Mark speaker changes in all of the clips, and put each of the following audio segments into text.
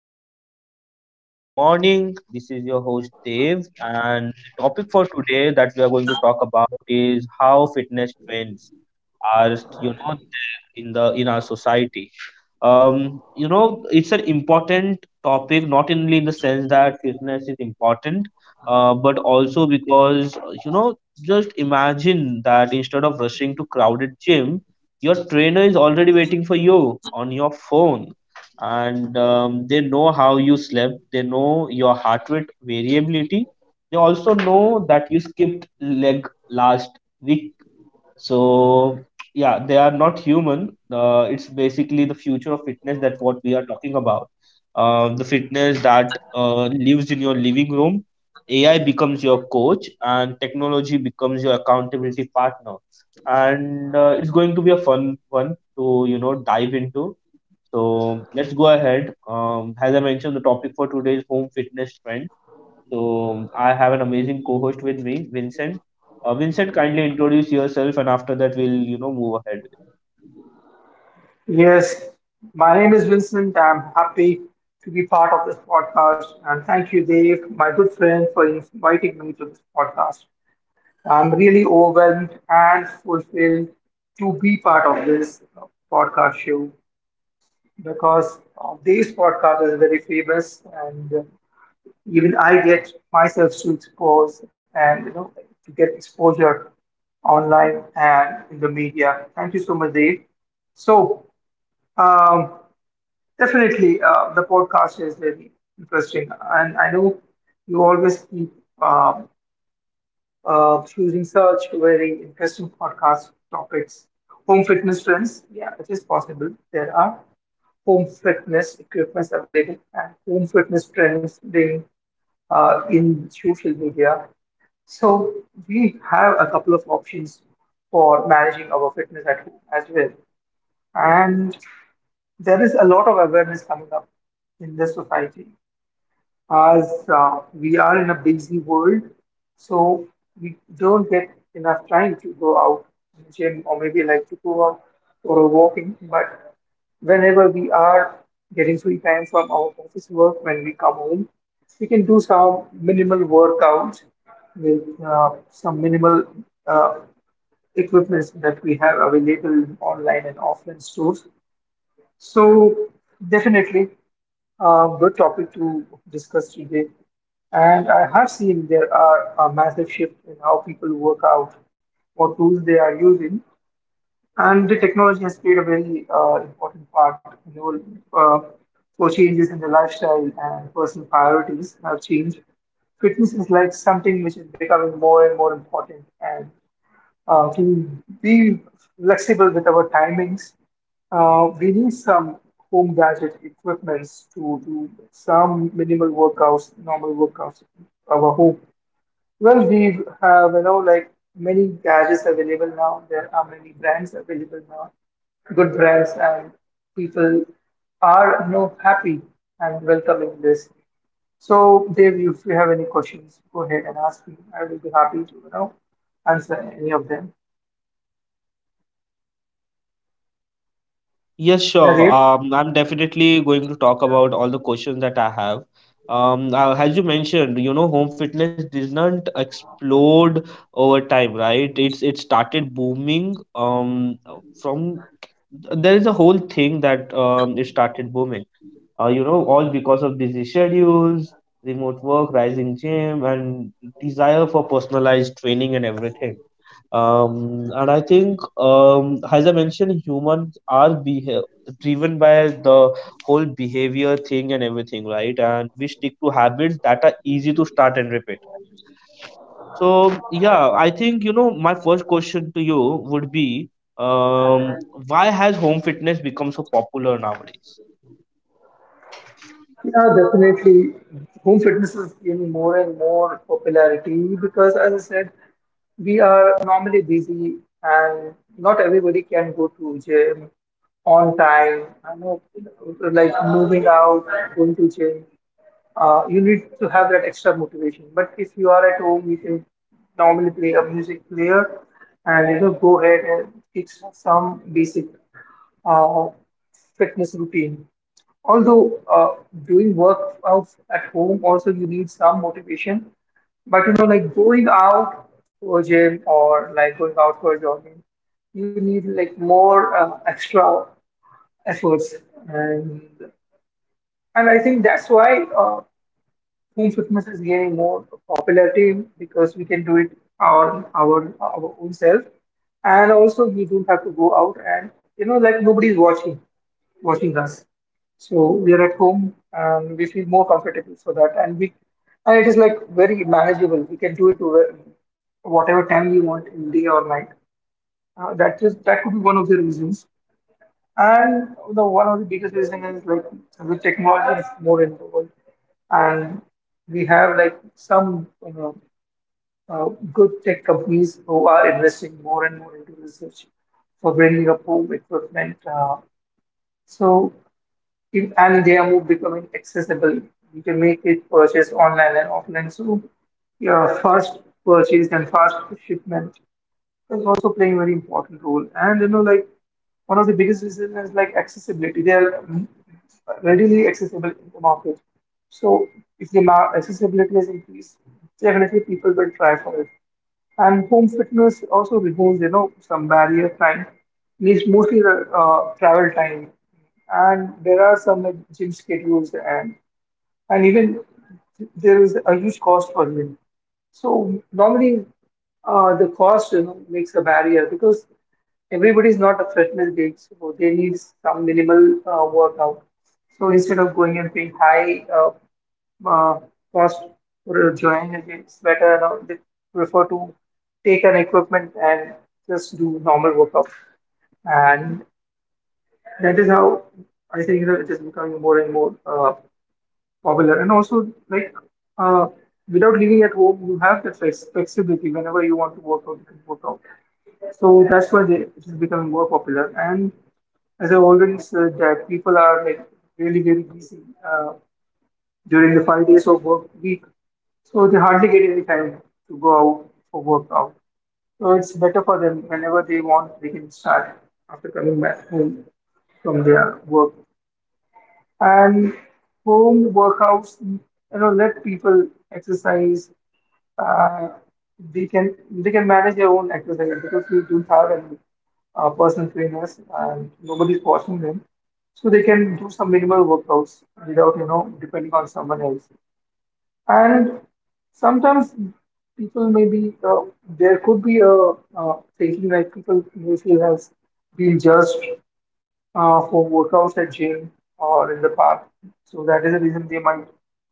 Speaker 1: today's podcast. Good morning. This is your host Dave, and the topic for today that we are going to talk about is how fitness trends are, there in the in our society. It's an important topic, not only in the sense that fitness is important, but also because just imagine that instead of rushing to crowded gym, your trainer is already waiting for you on your phone, and they know how you slept, they know your heart rate variability, they also know that you skipped leg last week. So, yeah, they are not human. It's basically the future of fitness that what we are talking about. The fitness that lives in your living room. AI becomes your coach, and technology becomes your accountability partner. And it's going to be a fun one to dive into. So let's go ahead. As I mentioned, the topic for today is home fitness trends. So I have an amazing co-host with me, Vincent. Vincent, kindly introduce yourself, and after that, we'll move ahead. With it.
Speaker 2: Yes, my name is Vincent. I'm happy to be part of this podcast. And thank you, Dave, my good friend, for inviting me to this podcast. I'm really overwhelmed and fulfilled to be part of this podcast show because Dave's podcast is very famous, and even I get myself to expose and to get exposure online and in the media. Thank you so much, Dave. So, um, Definitely, the podcast is very interesting, and I know you always keep uh, choosing such very interesting podcast topics. Home fitness trends, yeah, it is possible. There are home fitness equipments available and home fitness trends being in social media. So we have a couple of options for managing our fitness at home as well, and there is a lot of awareness coming up in the society as we are in a busy world, so we don't get enough time to go out to the gym or maybe like to go out for a walking. But whenever we are getting free time from our office work, when we come home, we can do some minimal workout with some minimal uh, equipments that we have available online and offline stores. So, definitely a good topic to discuss today. And I have seen there are a massive shift in how people work out, what tools they are using, and the technology has played a very important part in all. Uh, for changes in the lifestyle and personal priorities have changed. Fitness is like something which is becoming more and more important, and to be flexible with our timings. We need some home gadget equipments to do some minimal workouts, normal workouts in our home. Well, we have, like many gadgets available now. There are many brands available now, good brands, and people are, happy and welcoming this. So, Dave, if you have any questions, go ahead and ask me. I will be happy to, answer any of them.
Speaker 1: Yes,
Speaker 2: Yeah,
Speaker 1: sure.
Speaker 2: Dave.
Speaker 1: I'm definitely going to talk about all the questions that I have. As you mentioned, you know, home fitness did not explode over time, right? It started booming. Um, from there is a whole thing that it started booming. You know, all because of busy schedules, remote work, rising gym, and desire for personalized training and everything. And I think, as I mentioned, driven by the whole behavior thing and everything, right? And we stick to habits that are easy to start and repeat. So, yeah, I think, you know, my first question to you would be, um, why has home fitness become so popular nowadays?
Speaker 2: Yeah, definitely. Home fitness is gaining more and more popularity because, as I said, we are normally busy and not everybody can go to gym on time. I know, like moving out, going to gym. You need to have that extra motivation. But if you are at home, you can normally play a music player and go ahead and fix some basic uh, fitness routine. Although doing workouts at home also you need some motivation, but you know like going out to a gym or like going out for jogging, you need like more extra efforts, and I think that's why. Home fitness is gaining more popularity because we can do it on our own self, and also we don't have to go out and like nobody's watching us. So we are at home and we feel more comfortable for that, and we and it is like very manageable. We can do it over whatever time we want in day or night. That is that could be one of the reasons. And the one of the biggest reason is like the technology is more in the world, and we have like some good tech companies who are investing more and more into research for bringing up home equipment. So if, And they are more becoming accessible. You can make it purchase online and offline. So your fast purchase and fast shipment is also playing a very important role. And you know, like one of the biggest reasons is like accessibility. They are readily accessible in the market. So if the ma- accessibility has increased, definitely people will try for it. And home fitness also removes, you know, some barrier time, means mostly the travel time. And there are some like gym schedules and even there is a huge cost for him. So normally, the cost you know makes a barrier because everybody is not a fitness geek, so they need some minimal workout. So instead of going and paying high uh, cost for joining a gym, it's better you know, they prefer to take an equipment and just do normal workout. And that is how I think you know, it is becoming more and more popular and also like uh, without living at home you have the flexibility whenever you want to work out you can work out, so that's why it is becoming more popular. And as I already said that people are like really very busy uh, during the 5 days of work week, so they hardly get any time to go out for work out. So it's better for them whenever they want they can start after coming back home from their work. And home workouts you know let people exercise. uh, they can manage their own exercise because we don't have any personal trainers and nobody's watching them, so they can do some minimal workouts without you know depending on someone else. And sometimes people may be there could be a thinking like people may feel has been judged for workouts at gym or in the park. So that is the reason they might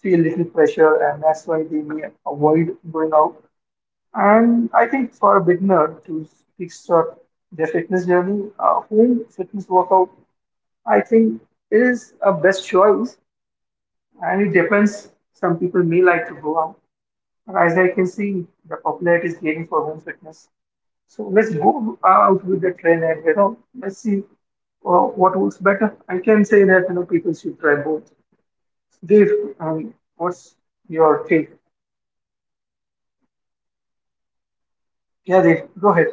Speaker 2: feel little pressure, and that's why they may avoid going out. And I think for a beginner to kickstart their fitness journey, home fitness workout, I think is a best choice. And it depends. Some people may like to go out, but as I can see, the popularity is gaining for home fitness. So let's go out with the trend and you know let's see what works better. I can say that you know people should try both. Dave, what's your take? Yeah, Dave, go ahead.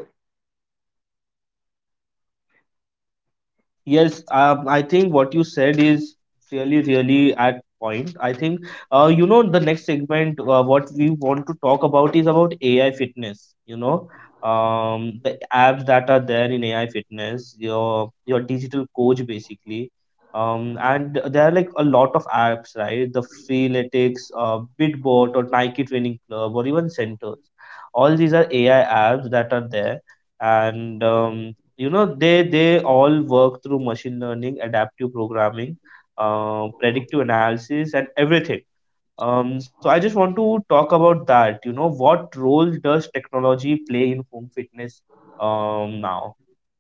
Speaker 1: Yes, I think what you said is really, really at point. I think, you know, the next segment, what we want to talk about is about AI fitness. You know, the apps that are there in AI fitness, your digital coach basically, and there are like a lot of apps, right? The Freeletics, Bitbot, or Nike Training Club, or even Centers. All these are AI apps that are there, and you know they all work through machine learning, adaptive programming, predictive analysis and everything. So I just want to talk about that, you know, what role does technology play in home fitness. Now,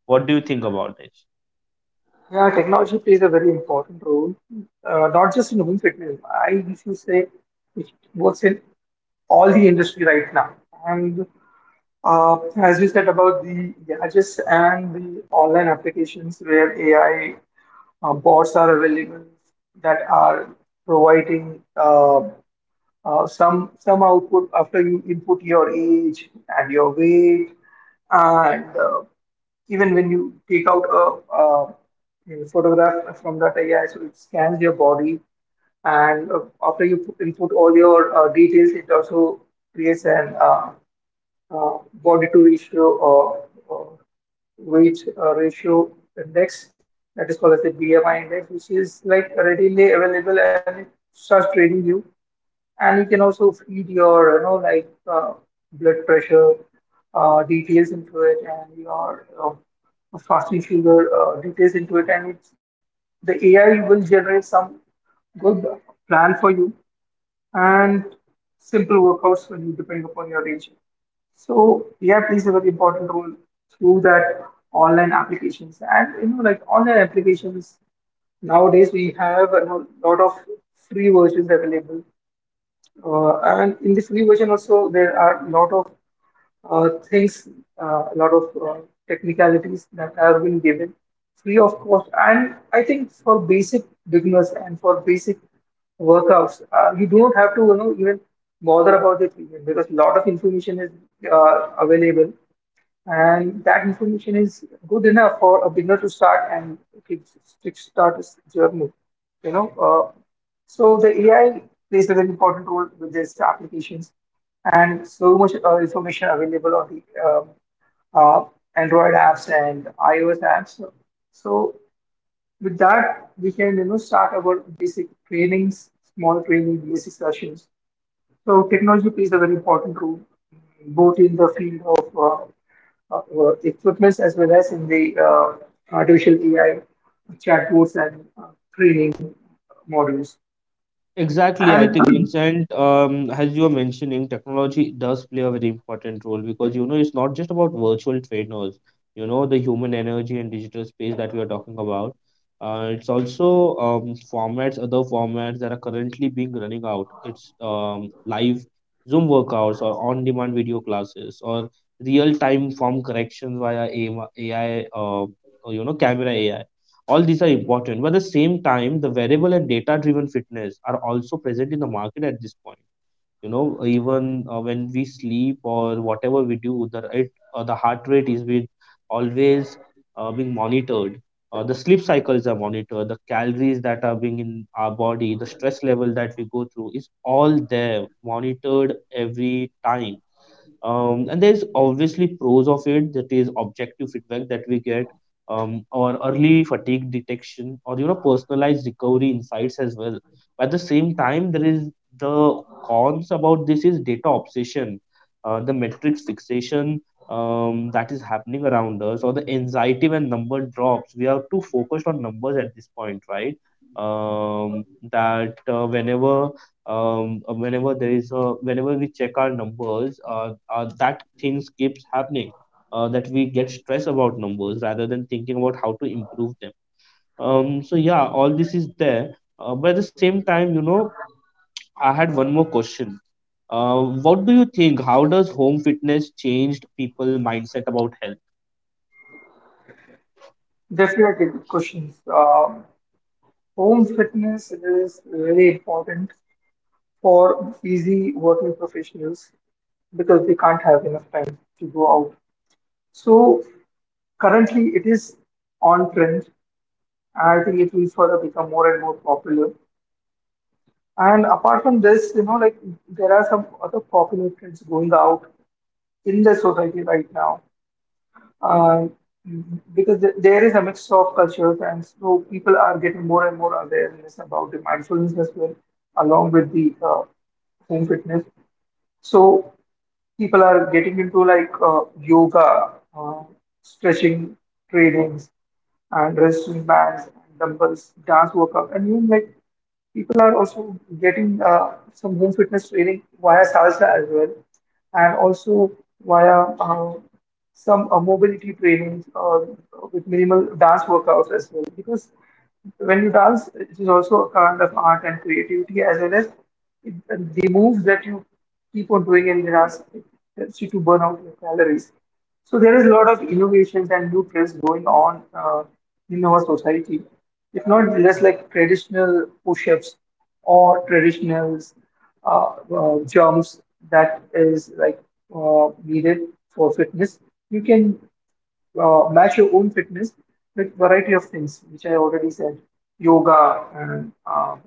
Speaker 1: what do you think about this?
Speaker 2: Yeah, technology plays a very important role, not just in home fitness. I usually say it works in all the industry right now. And as you said about the gadgets and the online applications where AI bots are available that are providing some output after you input your age and your weight and even when you take out a photograph from that AI, so it scans your body and after you input all your details, it also creates an body to ratio or uh, weight ratio index that is called as the BMI index, which is like readily available and it starts reading you. And you can also feed your, you know, like blood pressure details into it and your fasting sugar details into it. And it's, the AI will generate some good plan for you and simple workouts when you depend upon your region. So yeah, plays a very important role through that online applications. And you know, like online applications nowadays we have a lot of free versions available. And in the free version also there are a lot of things, a lot of technicalities that have been given free of cost. And I think for basic beginners and for basic workouts, you don't have to you know even bother about the premium because a lot of information is available, and that information is good enough for a beginner to start and kick- kickstart his journey. You know, uh, so the AI plays a very important role with these applications, and so much information available on the uh, Android apps and iOS apps. So with that, we can you know start our basic trainings, small training, basic sessions. So technology plays a very important role, both in the field of equipments as well as in the artificial AI chatbots and training models.
Speaker 1: Exactly, I
Speaker 2: And
Speaker 1: think Vincent, as you were mentioning, technology does play a very important role, because you know it's not just about virtual trainers. You know the human energy and digital space that we are talking about. It's also other formats that are currently being running out. It's live Zoom workouts, or on-demand video classes, or real-time form corrections via AI, or, you know, camera AI. All these are important, but at the same time the variable and data driven fitness are also present in the market at this point. You know, even when we sleep or whatever we do, the rate the heart rate is being always being monitored, the sleep cycles are monitored, the calories that are being in our body, the stress level that we go through is all there monitored every time. And there's obviously pros of it, that is objective feedback that we get, or early fatigue detection or, you know, personalized recovery insights as well. But at the same time, the cons about this is data obsession, the metrics fixation, that is happening around us, or the anxiety when number drops. We are too focused on numbers at this point, right? Um, that whenever whenever there is a Whenever we check our numbers, that things keeps happening, that we get stressed about numbers rather than thinking about how to improve them. So, yeah, all this is there. But at the same time, you know, I had one more question. uh, what do you think, how does home fitness changed people mindset about health?
Speaker 2: definitely good questions. Home fitness is really important for busy working professionals because they can't have enough time to go out. So currently it is on trend. I think it will further become more and more popular. And apart from this, you know, like there are some other popular trends going out in the society right now. Um because there is a mix of cultures, and so people are getting more and more awareness about the mindfulness as well, along with the home fitness. So people are getting into like yoga, uh, stretching trainings, and resistance bands, and dumbbells, dance workout, and even like people are also getting some home fitness training via salsa as well, and also via some mobility trainings or with minimal dance workouts as well. Because when you dance, it is also a kind of art and creativity as well as it, the moves that you keep on doing in the dance it helps you to burn out your calories. So there is a lot of innovations and new trends going on in our society. It's not just like traditional push-ups or traditional uh, jumps that is like needed for fitness. You can match your own fitness with variety of things, which I already said, yoga and uh,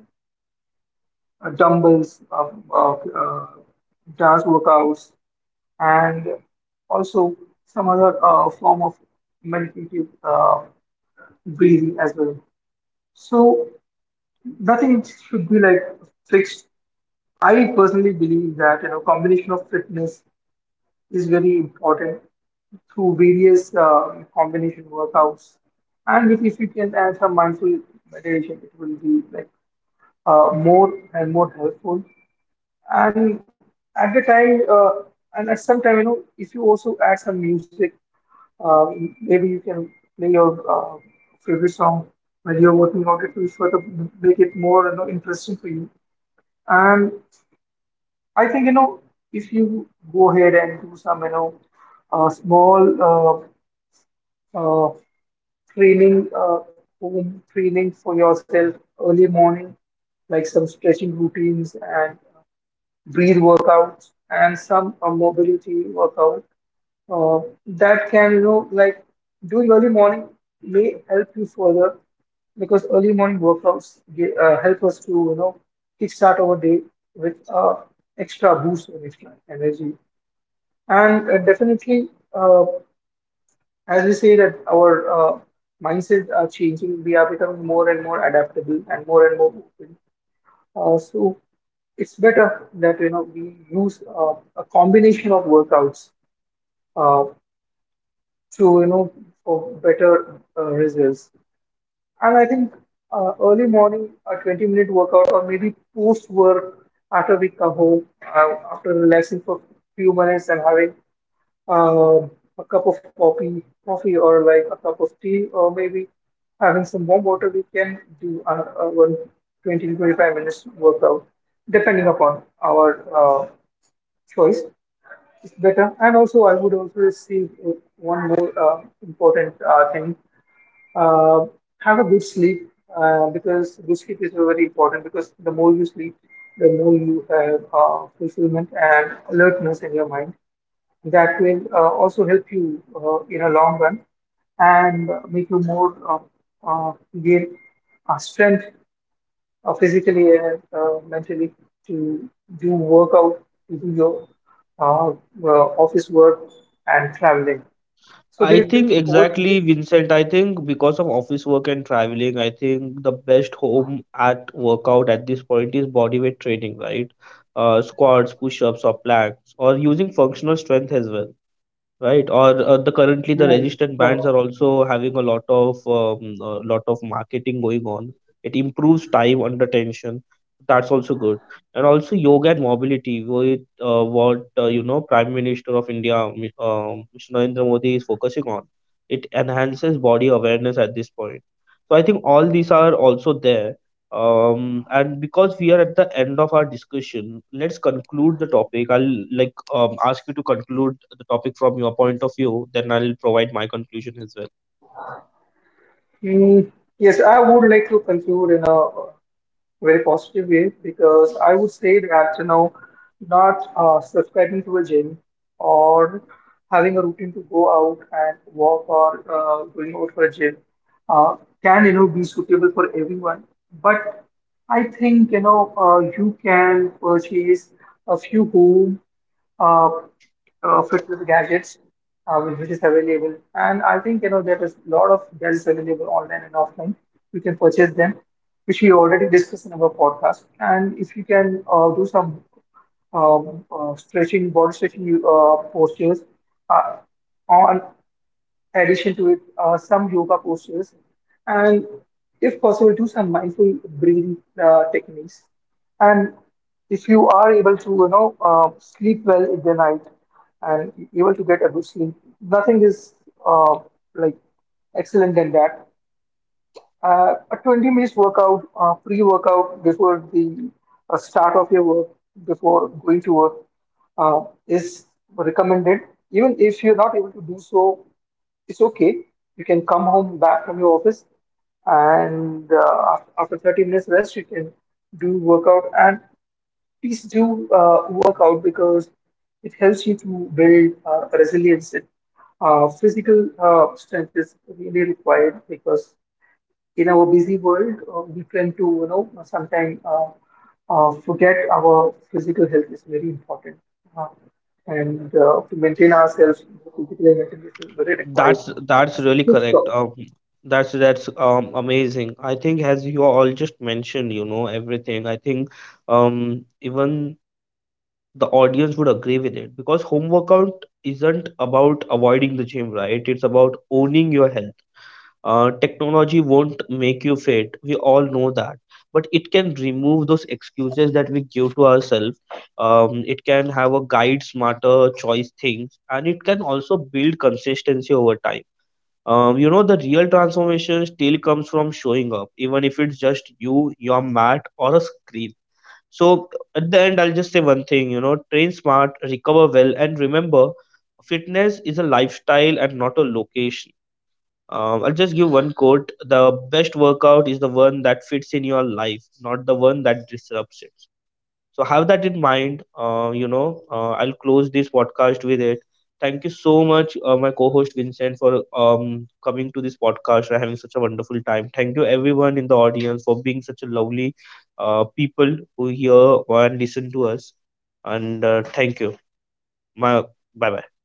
Speaker 2: uh, dumbbells, dance workouts, and also some other form of meditative breathing as well. So nothing should be like fixed. I personally believe that combination of fitness is very important through various combination workouts, and if you can add some mindful meditation, it will be like more and more helpful. And at the time, and at some time, you know, if you also add some music. Maybe you can play your favorite song while you're working out. It will sort of make it more interesting for you. And I think if you go ahead and do some small uh, uh, training, home training for yourself early morning, like some stretching routines and breathe workouts and some mobility workout uh, that can doing early morning may help you further, because early morning workouts help us to kickstart our day with extra boost of extra energy. And definitely, uh, as we say that our mindsets are changing, we are becoming more and more adaptable and more open. So it's better that we use a combination of workouts uh, to for better results. And I think early morning a 20-minute workout, or maybe post work, after we come home after relaxing for few minutes and having um, a cup of coffee, coffee or like a cup of tea, or maybe having some warm water, we can do a one 20 to 25 minutes workout, depending upon our choice. It's better. And also, I would also see one more important thing: uh, have a good sleep, because good sleep is very important. Because the more you sleep, the more you have fulfillment and alertness in your mind that will also help you in a long run and make you more gain strength physically and mentally to do workout, to do your uh, uh, office work and traveling. So,
Speaker 1: I
Speaker 2: Dave,
Speaker 1: think
Speaker 2: over to you.
Speaker 1: exactly, Vincent. I think because of office work and traveling, I think the best home at workout at this point is bodyweight training, right? Squats, push ups, or planks, or using functional strength as well. Right, or the currently the
Speaker 2: Right,
Speaker 1: resistant
Speaker 2: right.
Speaker 1: bands are also having a lot of marketing going on. It improves time under tension. That's also good. And also yoga and mobility, with what you know, Prime Minister of India, Mr. Narendra Modi is focusing on. It enhances body awareness at this point. So I think all these are also there. And because we are at the end of our discussion, let's conclude the topic. I'll like ask you to conclude the topic from your point of view, then I'll provide my conclusion as well.
Speaker 2: Mm, yes, I would like to conclude in a very positive way, because I would say that not subscribing to a gym or having a routine to go out and walk, or going out for a gym uh, can be suitable for everyone, but I think you can purchase a few home uh, fitness gadgets which is available. And I think there is a lot of gadgets available online and offline. You can purchase them, which we already discussed in our podcast. And if you can do some stretching, body stretching postures uh, on addition to it, some yoga postures, and if possible, do some mindful breathing techniques. And if you are able to, you know, sleep well in the night and able to get a good sleep, nothing is uh, like excellent than that. A 20 minutes workout, pre workout before the start of your work, before going to work, uh, is recommended. Even if you're not able to do so, it's okay. You can come home back from your office and after 30 minutes rest, you can do workout. And please do workout because it helps you to build resilience. Physical strength is really required because in our busy world, we tend to, you know, sometimes forget our physical health is very important. Uh, and To maintain ourselves physically and mentally is very required.
Speaker 1: That's really
Speaker 2: Good stuff.
Speaker 1: correct. That's Amazing. I think as you all just mentioned, you know, everything. I think even the audience would agree with it, because home workout isn't about avoiding the gym, right? It's about owning your health. Technology won't make you fit. We all know that, but it can remove those excuses that we give to ourselves. It can have a guide smarter choice things, and it can also build consistency over time. You know, the real transformation still comes from showing up, even if it's just you, your mat, or a screen. So at the end, I'll just say one thing. You know, train smart, recover well, and remember, fitness is a lifestyle and not a location. I'll just give one quote. The best workout is the one that fits in your life, not the one that disrupts it. So have that in mind. I'll close this podcast with it. Thank you so much, my co-host Vincent, for coming to this podcast and having such a wonderful time. Thank you everyone in the audience for being such a lovely people who hear and listen to us. And thank you. My bye bye.